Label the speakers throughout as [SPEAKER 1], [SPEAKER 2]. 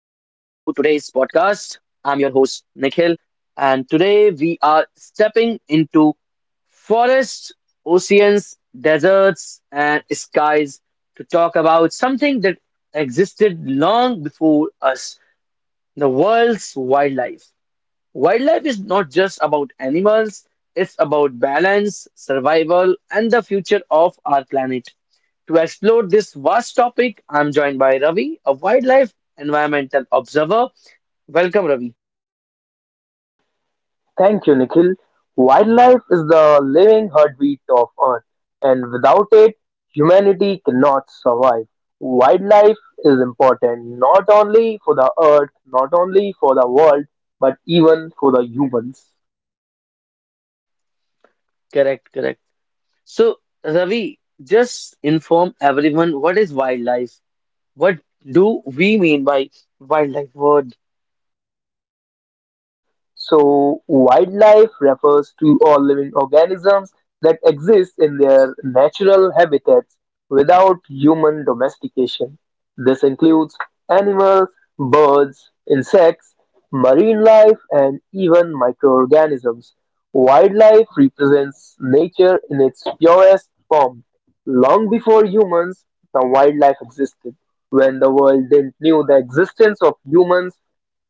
[SPEAKER 1] podcast. I'm your host Nikhil, and today we are stepping into forests, oceans, deserts, and skies to talk about something that existed long before us, the world's wildlife. Wildlife is not just about animals, it's about balance, survival, and the future of our planet. To explore this vast topic, I'm joined by Ravi, a wildlife environmental observer. Welcome, Ravi.
[SPEAKER 2] Thank you, Nikhil. Wildlife is the living heartbeat of Earth, and without it, humanity cannot survive. Wildlife is important not only for the Earth, not only for the world, but even for the humans.
[SPEAKER 1] Correct, correct. So, Ravi, just inform everyone, what is wildlife? What do we mean by wildlife? What?
[SPEAKER 2] So, wildlife refers to all living organisms that exist in their natural habitats without human domestication. This includes animals, birds, insects, marine life, and even microorganisms. Wildlife represents nature in its purest form. Long before humans, the wildlife existed. When the world didn't knew the existence of humans,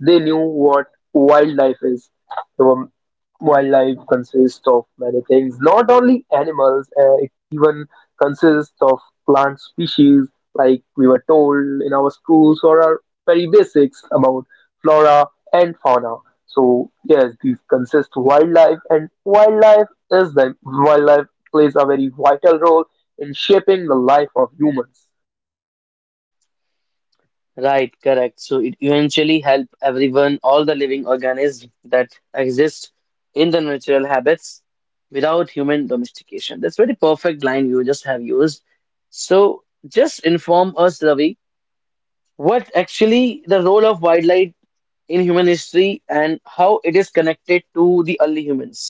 [SPEAKER 2] they knew what Wildlife is the wildlife consists of many things, not only animals. It even consists of plant species, like we were told in our schools or our very basics about flora and fauna. So yes, these consist wildlife, and wildlife is the wildlife plays a very vital role in shaping the life of humans.
[SPEAKER 1] Right, correct. So it eventually help everyone, all the living organisms that exist in the natural habits without human domestication. That's very perfect line you just have used. So just inform us, Ravi, what actually the role of wildlife in human history and how it is connected to the early humans.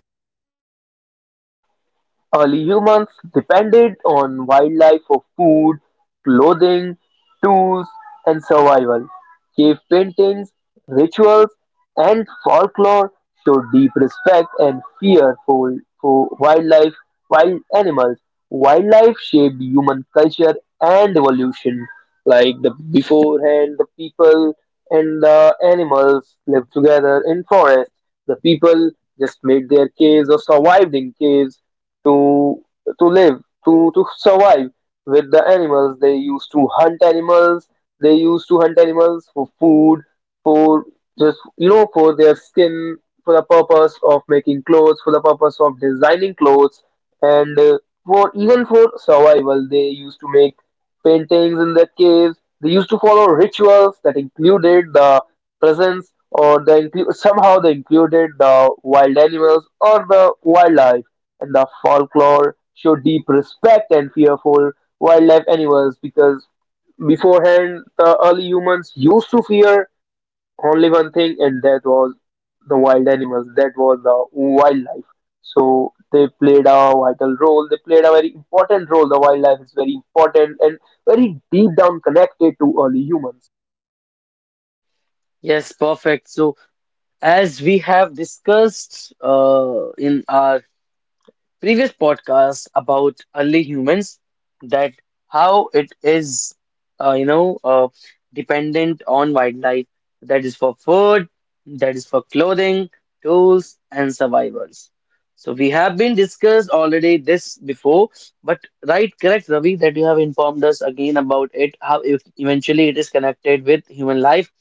[SPEAKER 2] Early humans depended on wildlife for food, clothing, tools, and survival. Cave paintings, rituals, and folklore show deep respect and fear for wildlife, wild animals. Wildlife shaped human culture and evolution. Like the beforehand, the people and the animals lived together in forests. The people just made their caves or survived in caves to to live to survive with the animals they used to hunt animals for food for just for their skin for the purpose of making clothes for the purpose of designing clothes and for even for survival they used to make paintings in their caves they used to follow rituals that included the presence or they include somehow they included the wild animals or the wildlife and the folklore show deep respect and fear for wildlife animals because beforehand the early humans used to fear only one thing and that was the wild animals that was the wildlife so they played a vital role they played a very important role the wildlife is very important and very deep down connected to early humans
[SPEAKER 1] Yes, perfect. So as we have discussed in our previous podcast about early humans that how it is uh, you know uh, dependent on wildlife, that is for food, that is for clothing, tools, and survivors. So we have been discussed already this before, but right, correct Ravi, that you have informed us again about it how eventually it is connected with human life.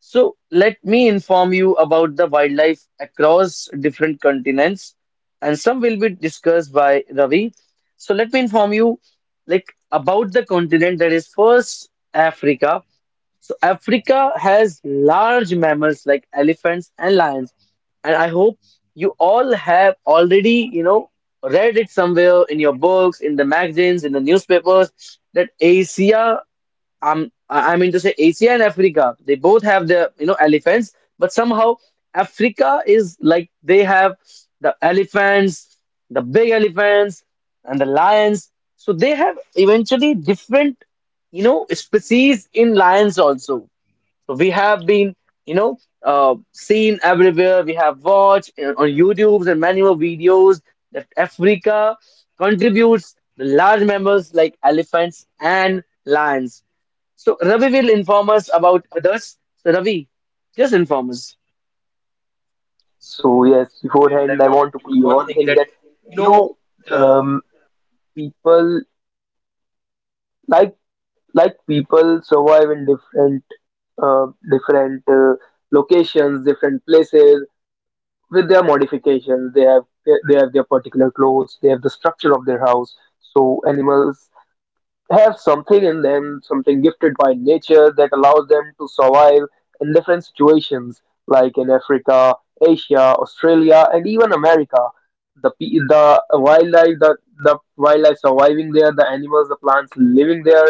[SPEAKER 1] So let me inform you about the wildlife across different continents, and some will be discussed by Ravi. So let me inform you, like about the continent that is first Africa. So Africa has large mammals like elephants and lions, and I hope you all have already, you know, read it somewhere in your books, in the magazines, in the newspapers that Asia, I mean to say Asia and Africa, they both have their, you know, elephants, but somehow Africa is like they have the elephants, the big elephants, and the lions. So they have eventually different, you know, species in lions also. So we have been, you know, seen everywhere. We have watched on YouTube's and many more videos that Africa contributes the large mammals like elephants and lions. So Ravi will inform us about others. So Ravi, just inform us.
[SPEAKER 2] so yes
[SPEAKER 1] And I
[SPEAKER 2] beforehand I
[SPEAKER 1] want
[SPEAKER 2] want
[SPEAKER 1] to
[SPEAKER 2] to
[SPEAKER 1] know
[SPEAKER 2] clear
[SPEAKER 1] one
[SPEAKER 2] one
[SPEAKER 1] thing that
[SPEAKER 2] thing that
[SPEAKER 1] you
[SPEAKER 2] you
[SPEAKER 1] know
[SPEAKER 2] know
[SPEAKER 1] um,
[SPEAKER 2] um, people like like people survive in different different locations, different places with their modifications. They have their particular clothes. They have the structure of their house. So animals have something in them, something gifted by nature that allows them to survive in different situations, like in Africa, Asia, Australia, and even America. The wildlife, the wildlife surviving there, the animals, the plants living there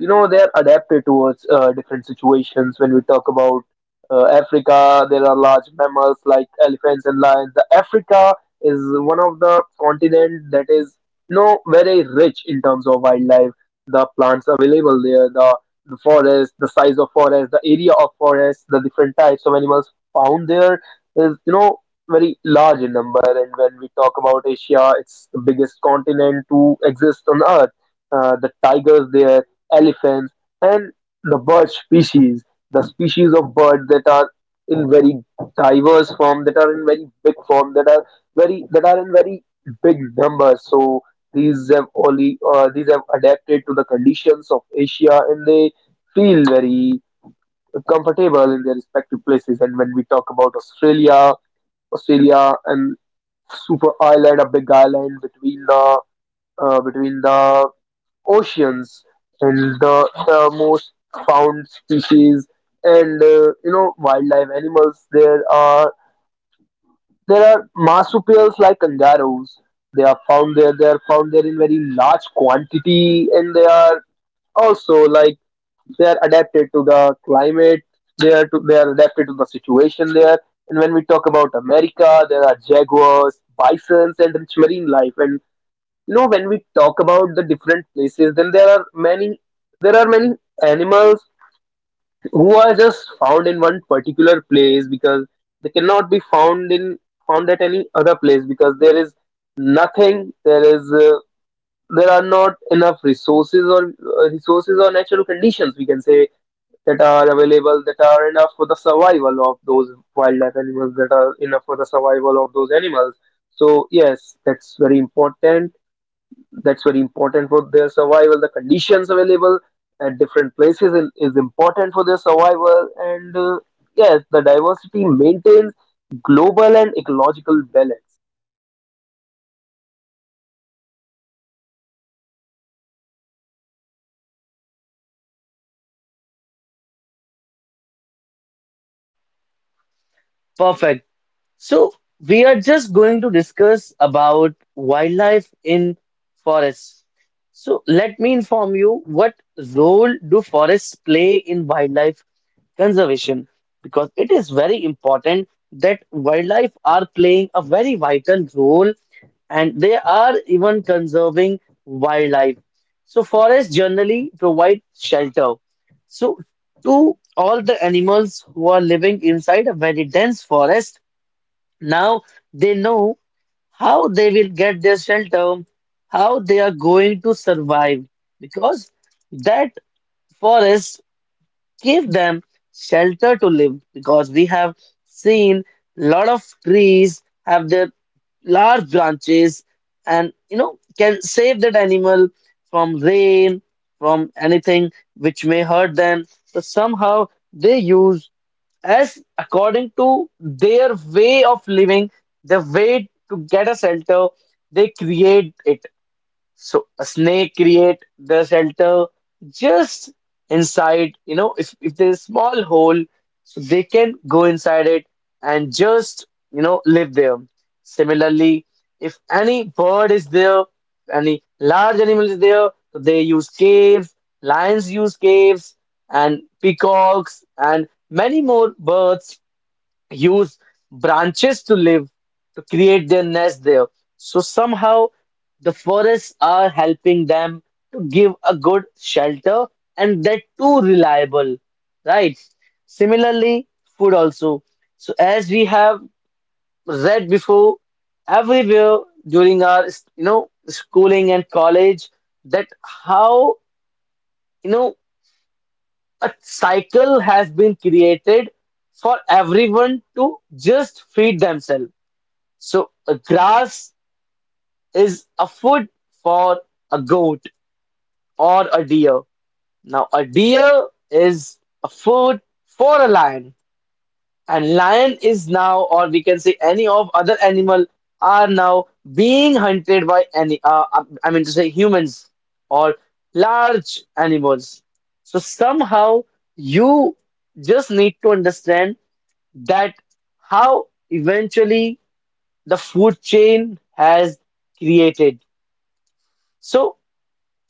[SPEAKER 2] you know they're adapted towards different situations. When we talk about Africa, there are large mammals like elephants and lions. The Africa is one of the continent that is you know very rich in terms of wildlife, the plants available there, the forest, the size of forest, the area of forest, the different types of animals found there is you know very large in number. And when we talk about Asia, it's the biggest continent to exist on Earth. The tigers there, elephants, and the bird species, the species of bird that are in very diverse form, that are in very big form, that are very that are in very big numbers. So these have only these have adapted to the conditions of Asia, and they feel very comfortable in their respective places. And when we talk about Australia, Australia and super island, a big island between the oceans, and the most found species and you know wildlife animals there are marsupials like kangaroos. They are found there, in very large quantity, and they are also like they are adapted to the climate. They are adapted to the situation there. And when we talk about America, there are jaguars, bisons, and rich marine life. And you know when we talk about the different places then there are many there are many animals who are just found in one particular place because they cannot be found at any other place because there is nothing there is there are not enough resources or natural conditions we can say that are available that are enough for the survival of those wildlife animals that are enough for the survival of those animals. So yes, that's very important, for their survival. The conditions available at different places is important for their survival. And yes, the diversity maintains global and ecological balance.
[SPEAKER 1] Perfect. So we are just going to discuss about wildlife in forests. So let me inform you what role do forests play in wildlife conservation, because it is very important that wildlife are playing a very vital role and they are even conserving wildlife. So forests generally provide shelter. So to all the animals who are living inside a very dense forest, now they know how they will get their shelter, how they are going to survive, because that forest gave them shelter to live. Because we have seen lot of trees have their large branches and you know can save that animal from rain, from anything which may hurt them. So somehow they use as according to their way of living, their way to get a shelter, they create it. So a snake create the shelter just inside, you know, if there's a small hole, so they can go inside it and just, you know, live there. Similarly, if any bird is there, any large animal is there, so they use caves, lions use caves, and peacocks, and many more birds use branches to live, to create their nest there. So somehow the forests are helping them to give a good shelter, and that too reliable, right? Similarly, food also. So as we have read before everywhere during our, you know, schooling and college, that how, you know, a cycle has been created for everyone to just feed themselves. So a grass is a food for a goat or a deer. Now a deer is a food for a lion, and lion is now, or we can say any of other animal are now being hunted by any, I mean to say humans or large animals. So somehow you just need to understand that how eventually the food chain has created. So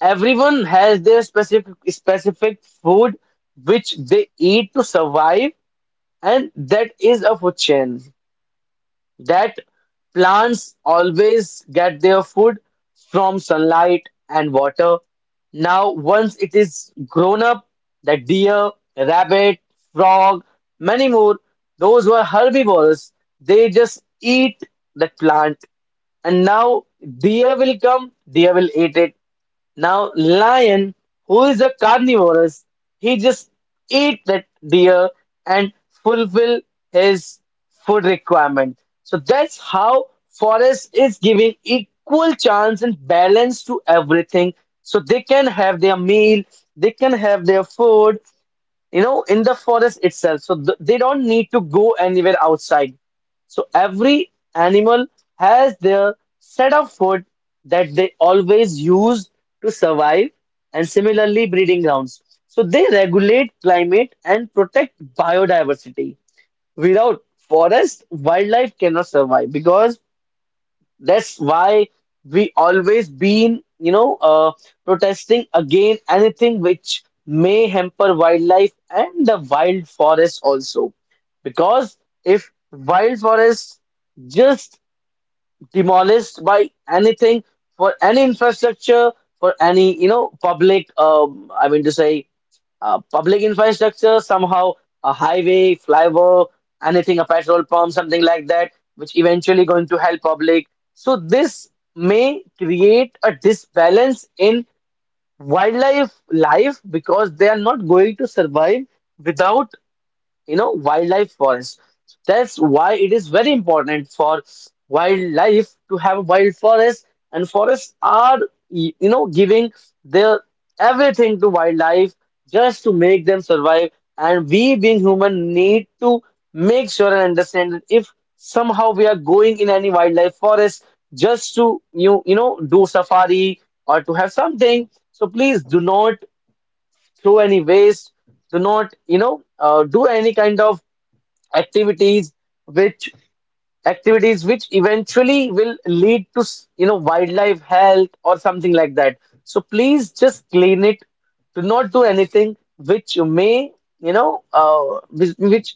[SPEAKER 1] everyone has their specific food which they eat to survive, and that is a food chain. That plants always get their food from sunlight and water. Now, once it is grown up, the deer, rabbit, frog, many more, those were herbivores. They just eat the plant, and now deer will come, deer will eat it. Now, lion, who is a carnivorous, he just eat that deer and fulfill his food requirement. So that's how forest is giving equal chance and balance to everything. So they can have their meal, they can have their food, you know, in the forest itself. So th they don't need to go anywhere outside. So every animal has their set of food that they always use to survive, and similarly, breeding grounds. So they regulate climate and protect biodiversity. Without forest, wildlife cannot survive, because that's why we always been, you know, protesting against anything which may hamper wildlife and the wild forest also. Because if wild forests just demolished by anything, for any infrastructure, for any you know public I mean to say public infrastructure, somehow a highway, flyover, anything, a petrol pump, something like that which eventually going to help public, so this may create a disbalance in wildlife life, because they are not going to survive without, you know, wildlife forests. That's why it is very important for wildlife to have wild forests, and forests are, you know, giving their everything to wildlife just to make them survive. And we, being human, need to make sure and understand that if somehow we are going in any wildlife forest just to you know do safari or to have something, so please do not throw any waste, do not you know do any kind of activities which activities which eventually will lead to you know wildlife health or something like that. So please just clean it, do not do anything which may you know which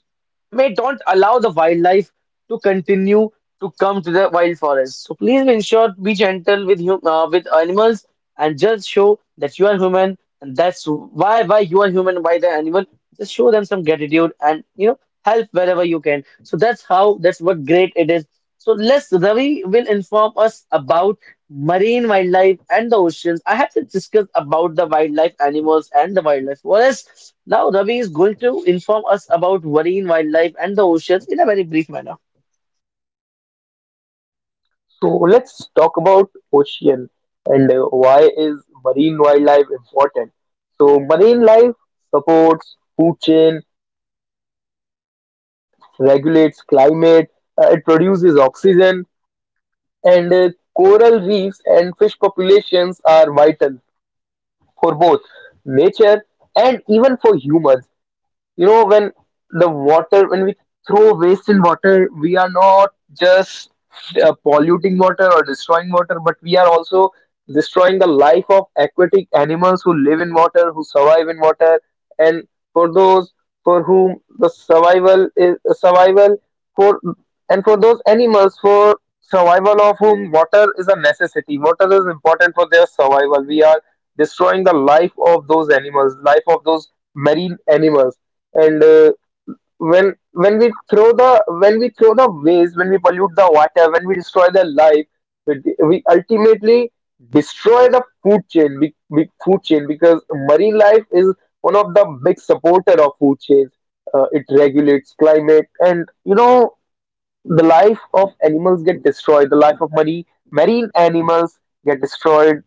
[SPEAKER 1] may don't allow the wildlife to continue to come to the wild forest. So please be ensure to be gentle with hum with animals, and just show that you are human, and that's why you are human, why the animal. Just show them some gratitude, and you know help wherever you can. So that's how, that's what great it is. So Les Ravi will inform us about marine wildlife and the oceans. I have to discuss about the wildlife animals and the wildlife forests. Now Ravi is going to inform us about marine wildlife and the oceans in a very brief manner.
[SPEAKER 2] So let's talk about ocean and why is marine wildlife important. So marine life supports food chain, regulates climate, it produces oxygen, and coral reefs and fish populations are vital for both nature and even for humans. You know, when we throw waste in water, we are not just polluting water or destroying water, but we are also destroying the life of aquatic animals who live in water, who survive in water. And for those for whom the survival is survival for and for those animals, for survival of whom water is a necessity, water is important for their survival. We are destroying the life of those animals, life of those marine animals. And when we throw the waste, when we pollute the water, when we destroy their life, we ultimately destroy the food chain. Big, big food chain because marine life is one of the big supporter of food chains. It regulates climate, and you know the life of animals get destroyed, the life of marine animals get destroyed,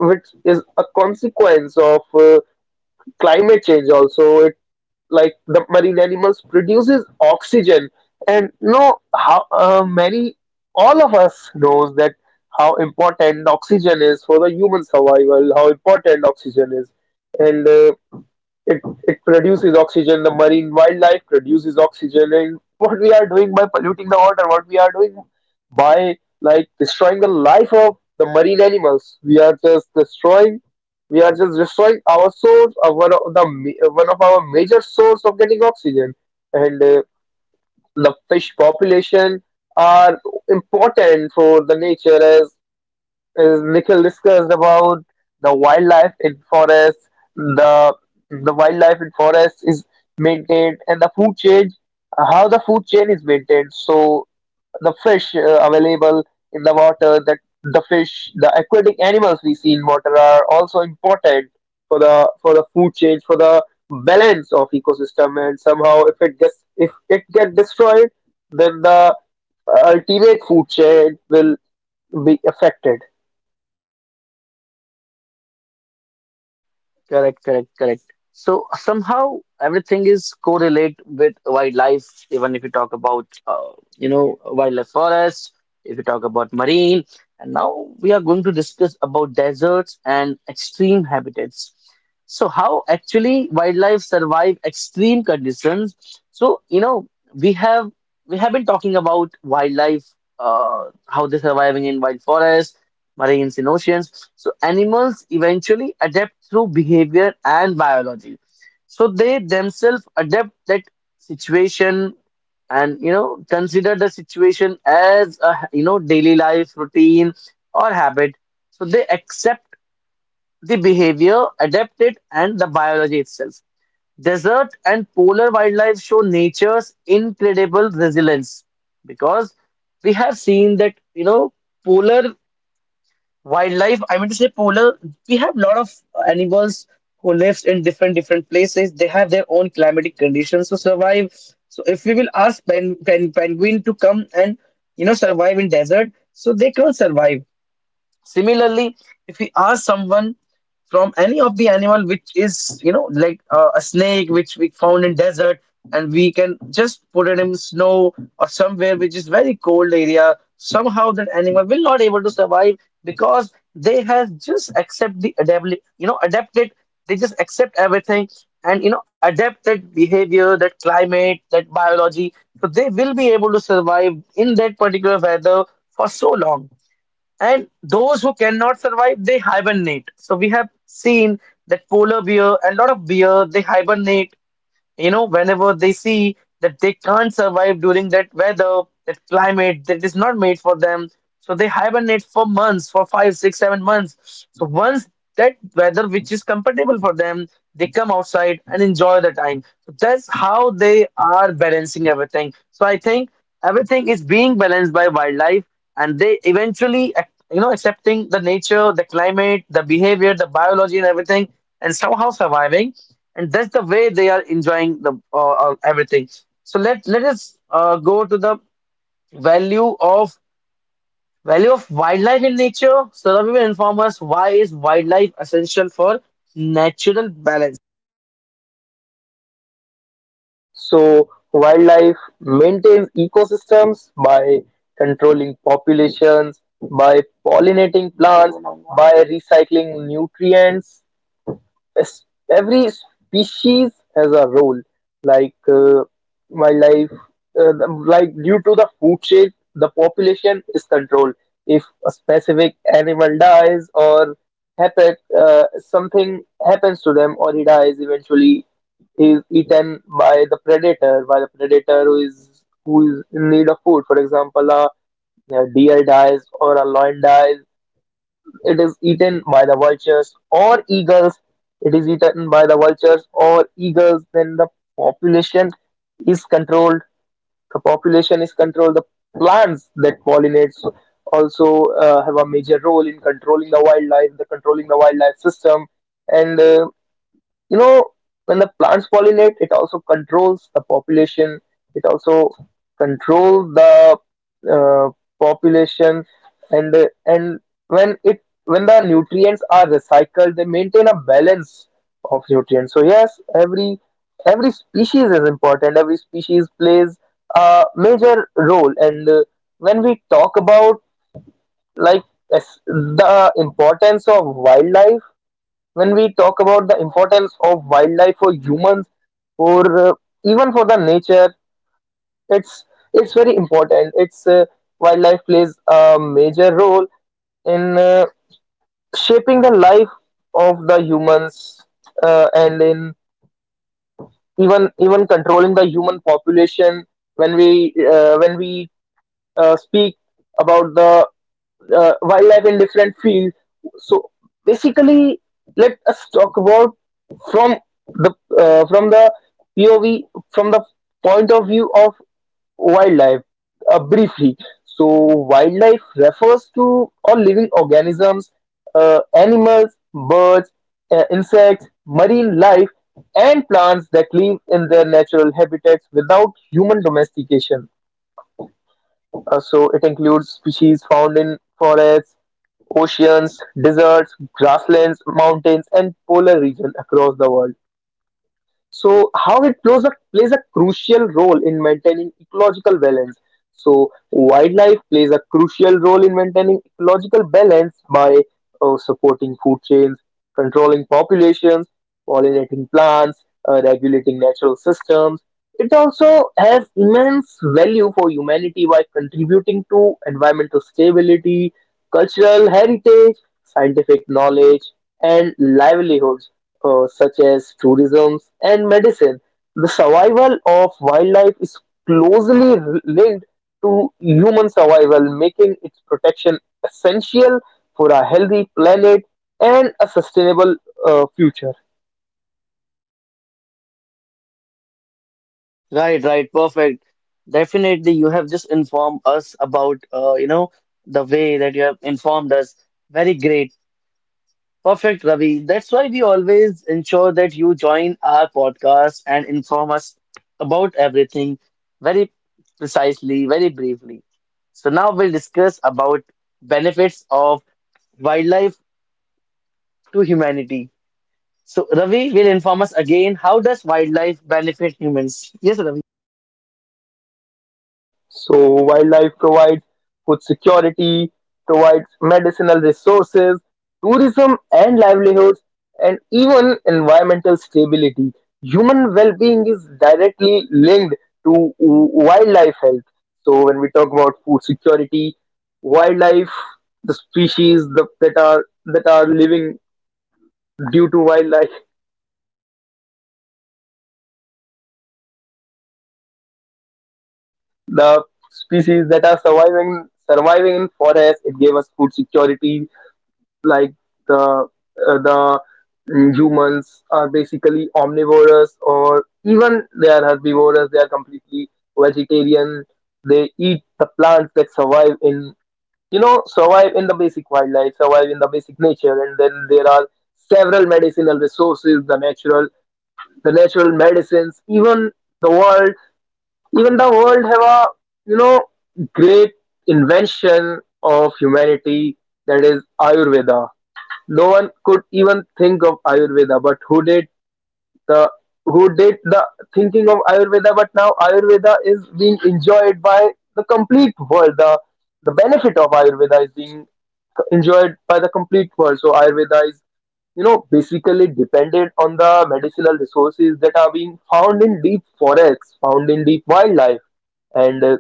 [SPEAKER 2] which is a consequence of climate change also. It like the marine animals produces oxygen. And no how many all of us knows that how important oxygen is for the human survival, how important oxygen is. And it, it produces oxygen. The marine wildlife produces oxygen. And what we are doing by polluting the water, what we are doing by like destroying the life of the marine animals, we are just destroying. We are just destroying our source of one of our major source of getting oxygen. And the fish population are important for the nature as is Nikhil discussed about the wildlife in forests, the the wildlife in forests is maintained, and the food chain, how the food chain is maintained. So the fish available in the water, the aquatic animals we see in water are also important for the food chain, for the balance of ecosystem. And somehow, if it get destroyed, then the ultimate food chain will be affected.
[SPEAKER 1] Correct, correct, correct. So somehow everything is correlate with wildlife, even if you talk about you know wildlife forest, if you talk about marine, and now we are going to discuss about deserts and extreme habitats. So how actually wildlife survive extreme conditions? So you know we have we have been talking about wildlife, how they're surviving in wild forest, marines in oceans. So animals eventually adapt through behavior and biology. So they themselves adapt that situation and you know consider the situation as a you know daily life routine or habit. So they accept the behavior, adapt it, and the biology itself. Desert and polar wildlife show nature's incredible resilience, because we have seen that you know polar wildlife, I mean to say polar, we have lot of animals who lives in different places. They have their own climatic conditions to survive. So if we will ask penguin to come and you know survive in desert, so they can't survive. Similarly, if we ask someone from any of the animal which is, you know, like a snake which we found in desert, and we can just put it in snow or somewhere which is very cold area, somehow that animal will not able to survive because they have just accept the you know, adapted. They just accept everything and you know adapted behavior, that climate, that biology. So they will be able to survive in that particular weather for so long. And those who cannot survive, they hibernate. So we have seen that polar bear and a lot of bear, they hibernate, you know, whenever they see that they can't survive during that weather, that climate that is not made for them, so they hibernate for months, for 5, 6, 7 months. So once that weather which is compatible for them, they come outside and enjoy the time. So that's how they are balancing everything. So I think everything is being balanced by wildlife, and they eventually, accepting the nature, the climate, the behavior, the biology, and everything, and somehow surviving, and that's the way they are enjoying the everything. So let us go to the value of value of wildlife in nature, so that will inform us why is wildlife essential for natural balance.
[SPEAKER 2] So wildlife maintains ecosystems by controlling populations, by pollinating plants, by recycling nutrients. s- every species has a role. Like wildlife uh, like due to the food chain the population is controlled. If a specific animal dies or happen something happens to them or he dies, eventually he is eaten by the predator, who is in need of food. For example, a deer dies or a lion dies, it is eaten by the vultures or eagles. It is eaten by the vultures or eagles. Then the population is controlled. The plants that pollinates also have a major role in controlling the wildlife, the wildlife system, and you know when the plants pollinate it also controls the population, it also controls the uh, population. And when it when the nutrients are recycled, they maintain a balance of nutrients. So yes, every species is important, every species plays a major role. And when we talk about like the importance of wildlife, when we talk about the importance of wildlife for humans or even for the nature, it's it's very important. It's Wildlife plays a major role in shaping the life of the humans, and in even controlling the human population. When we speak about the wildlife in different fields. So basically, let us talk about from the from the POV, from the point of view of wildlife briefly. So wildlife refers to all living organisms, animals, birds, insects, marine life, and plants that live in their natural habitats without human domestication. So it includes species found in forests, oceans, deserts, grasslands, mountains, and polar regions across the world. So how it plays a crucial role in maintaining ecological balance. So wildlife plays a crucial role in maintaining ecological balance by supporting food chains, controlling populations, pollinating plants, regulating natural systems. It also has immense value for humanity by contributing to environmental stability, cultural heritage, scientific knowledge, and livelihoods such as tourism and medicine. The survival of wildlife is closely linked to human survival, making its protection essential for a healthy planet and a sustainable future.
[SPEAKER 1] Right, right, perfect. Definitely you have just informed us about, the way that you have informed us, very great. Perfect, Ravi. That's why we always ensure that you join our podcast and inform us about everything very precisely, very briefly. So now we'll discuss about benefits of wildlife to humanity. So Ravi will inform us again, how does wildlife benefit humans? Yes, Ravi.
[SPEAKER 2] So wildlife provides food security, provides medicinal resources, tourism and livelihoods, and even environmental stability. Human well-being is directly linked to wildlife health. So when we talk about food security, wildlife, that are living due to wildlife, the species that are surviving in forests, it gave us food security. Like the the humans are basically omnivorous, or even they are herbivorous, they are completely vegetarian. They eat the plants that survive in survive in the basic wildlife, survive in the basic nature. And then there are several medicinal resources, the natural medicines. Even the world, have a you know great invention of humanity, that is Ayurveda. No one could even think of Ayurveda, but who did the the thinking of Ayurveda? But now Ayurveda is being enjoyed by the complete world. The benefit of Ayurveda is being enjoyed by the complete world. So Ayurveda is, you know, basically dependent on the medicinal resources that are being found in deep forests, found in deep wildlife. And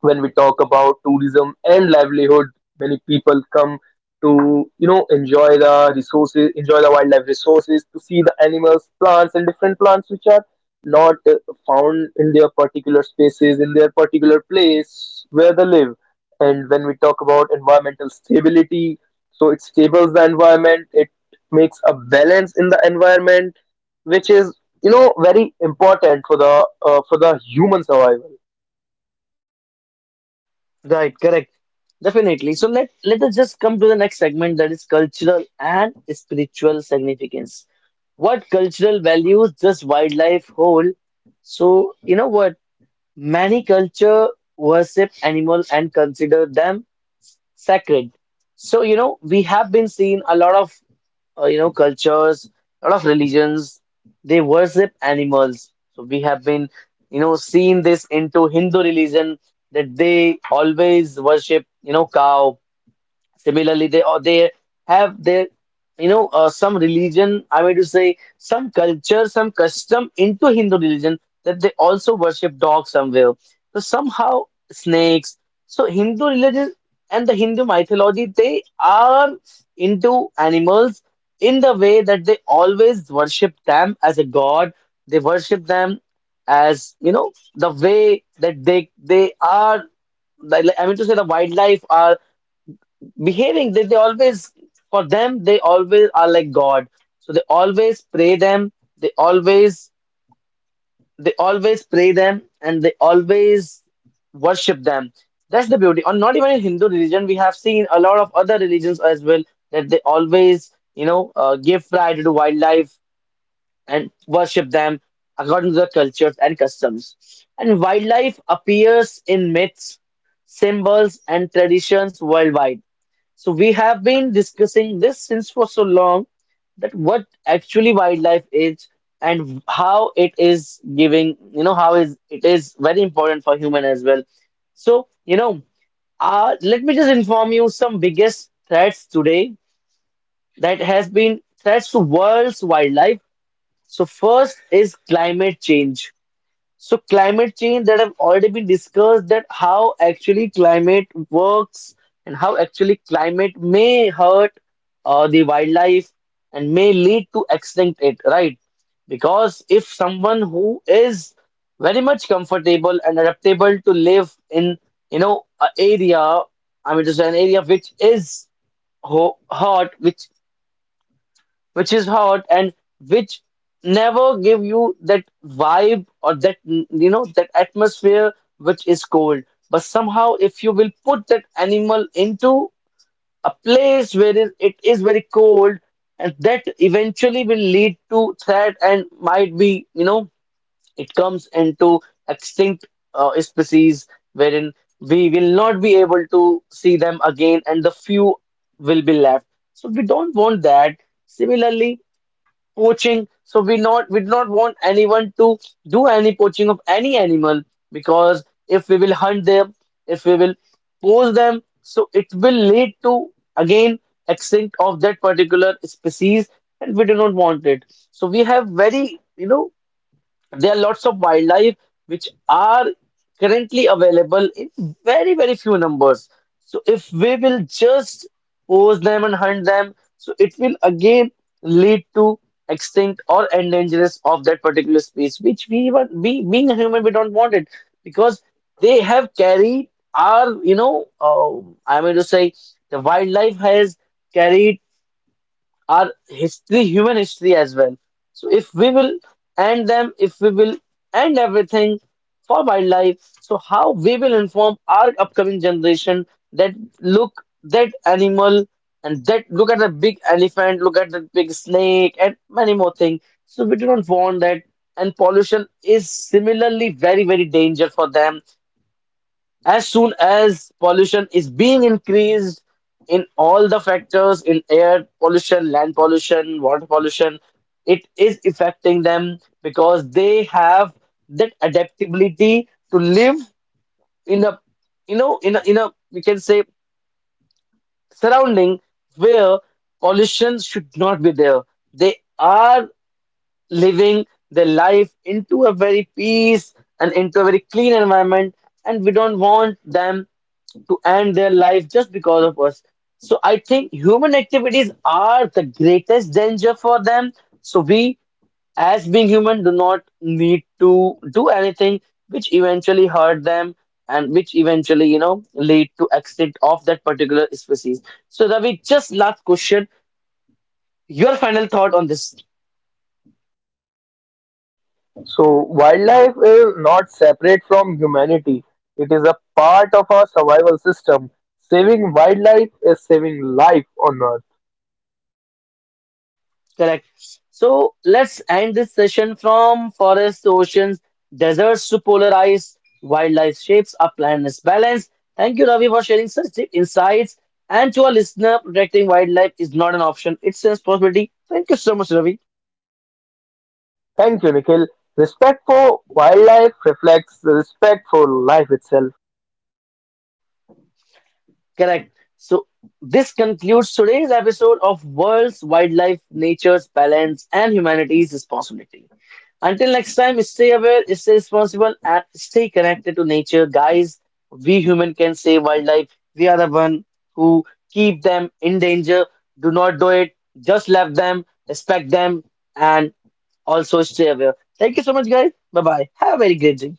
[SPEAKER 2] when we talk about tourism and livelihood, many people come to, you know, enjoy the resources, enjoy the wildlife resources, to see the animals, plants, and different plants which are not found in their particular spaces, in their particular place where they live. And when we talk about environmental stability, so it stables the environment, it makes a balance in the environment, which is you know very important for the human survival.
[SPEAKER 1] Right, correct. Definitely. So let us just come to the next segment, that is cultural and spiritual significance. What cultural values does wildlife hold? So, you know what? Many culture worship animal and consider them sacred. So, you know, we have been seeing a lot of, cultures, a lot of religions, they worship animals. So, we have been, you know, seeing this into Hindu religion that they always worship, you know, cow. Similarly, they or they have their some religion. I mean to say some culture, some custom into Hindu religion, that they also worship dogs somewhere. So somehow snakes. So Hindu religion and the Hindu mythology, they are into animals in the way that they always worship them as a god. They worship them as, you know, the way that they are. Like, I mean to say the wildlife are behaving that they always, for them they always are like god, so they always pray them, they always, they always pray them and they always worship them. That's the beauty. Or not even in Hindu religion, we have seen a lot of other religions as well, that they always, give priority to wildlife and worship them according to the cultures and customs. And wildlife appears in myths, symbols and traditions worldwide. So we have been discussing this since for so long, that what actually wildlife is, and how it is giving, you know, how is it is very important for human as well. So, let me just inform you some biggest threats today that has been threats to world's wildlife. So first is climate change. So climate change that have already been discussed, that how actually climate works and how actually climate may hurt the wildlife, and may lead to extinct it, right? Because if someone who is very much comfortable and adaptable to live in, you know, an area, I mean to say an area which is ho hot, which is hot, and which never give you that vibe or that you know, that atmosphere which is cold, but somehow if you will put that animal into a place where it is very cold, and that eventually will lead to threat, and might be, you know, it comes into extinct species, wherein we will not be able to see them again, and the few will be left. So we don't want that. Similarly, poaching. So we not, we do not want anyone to do any poaching of any animal, because if we will hunt them, if we will poach them, so it will lead to, again, extinct of that particular species, and we do not want it. So we have, very, you know, there are lots of wildlife which are currently available in very, very few numbers. So if we will just pose them and hunt them, so it will again lead to extinct or endangerment of that particular species, which we were, we being a human, we don't want it. Because they have carried our, I mean to say, the wildlife has carried our history, human history as well. So if we will end them, if we will end everything for wildlife, so how we will inform our upcoming generation that look that animal, and that look at the big elephant, look at the big snake and many more things. So we do not want that. And pollution is similarly very, very danger for them. As soon as pollution is being increased in all the factors, in air pollution, land pollution, water pollution, it is affecting them, because they have that adaptability to live in a, you know, in a, we can say, surrounding where pollution should not be there. They are living their life into a very peace and into a very clean environment, and we don't want them to end their life just because of us. So I think human activities are the greatest danger for them. So we, as being human, do not need to do anything which eventually hurt them, and which eventually, you know, lead to extinct of that particular species. So Ravi, just last question, your final thought on this.
[SPEAKER 2] So wildlife is not separate from humanity. It is a part of our survival system. Saving wildlife is saving life on Earth.
[SPEAKER 1] Correct. So let's end this session. From forests to oceans, deserts to polar ice, wildlife shapes our planet's balance. Thank you, Ravi, for sharing such deep insights. And to our listener, protecting wildlife is not an option, it's a responsibility. Thank you so much, Ravi.
[SPEAKER 2] Thank you, Nikhil. Respect for wildlife reflects the respect for life itself.
[SPEAKER 1] Correct. So this concludes today's episode of World's Wildlife, Nature's Balance, and Humanity's Responsibility. Until next time, stay aware, stay responsible, and stay connected to nature. Guys, we human can save wildlife. We are the one who keep them in danger. Do not do it. Just love them, respect them, and also stay aware. Thank you so much, guys. Bye bye. Have a very great day.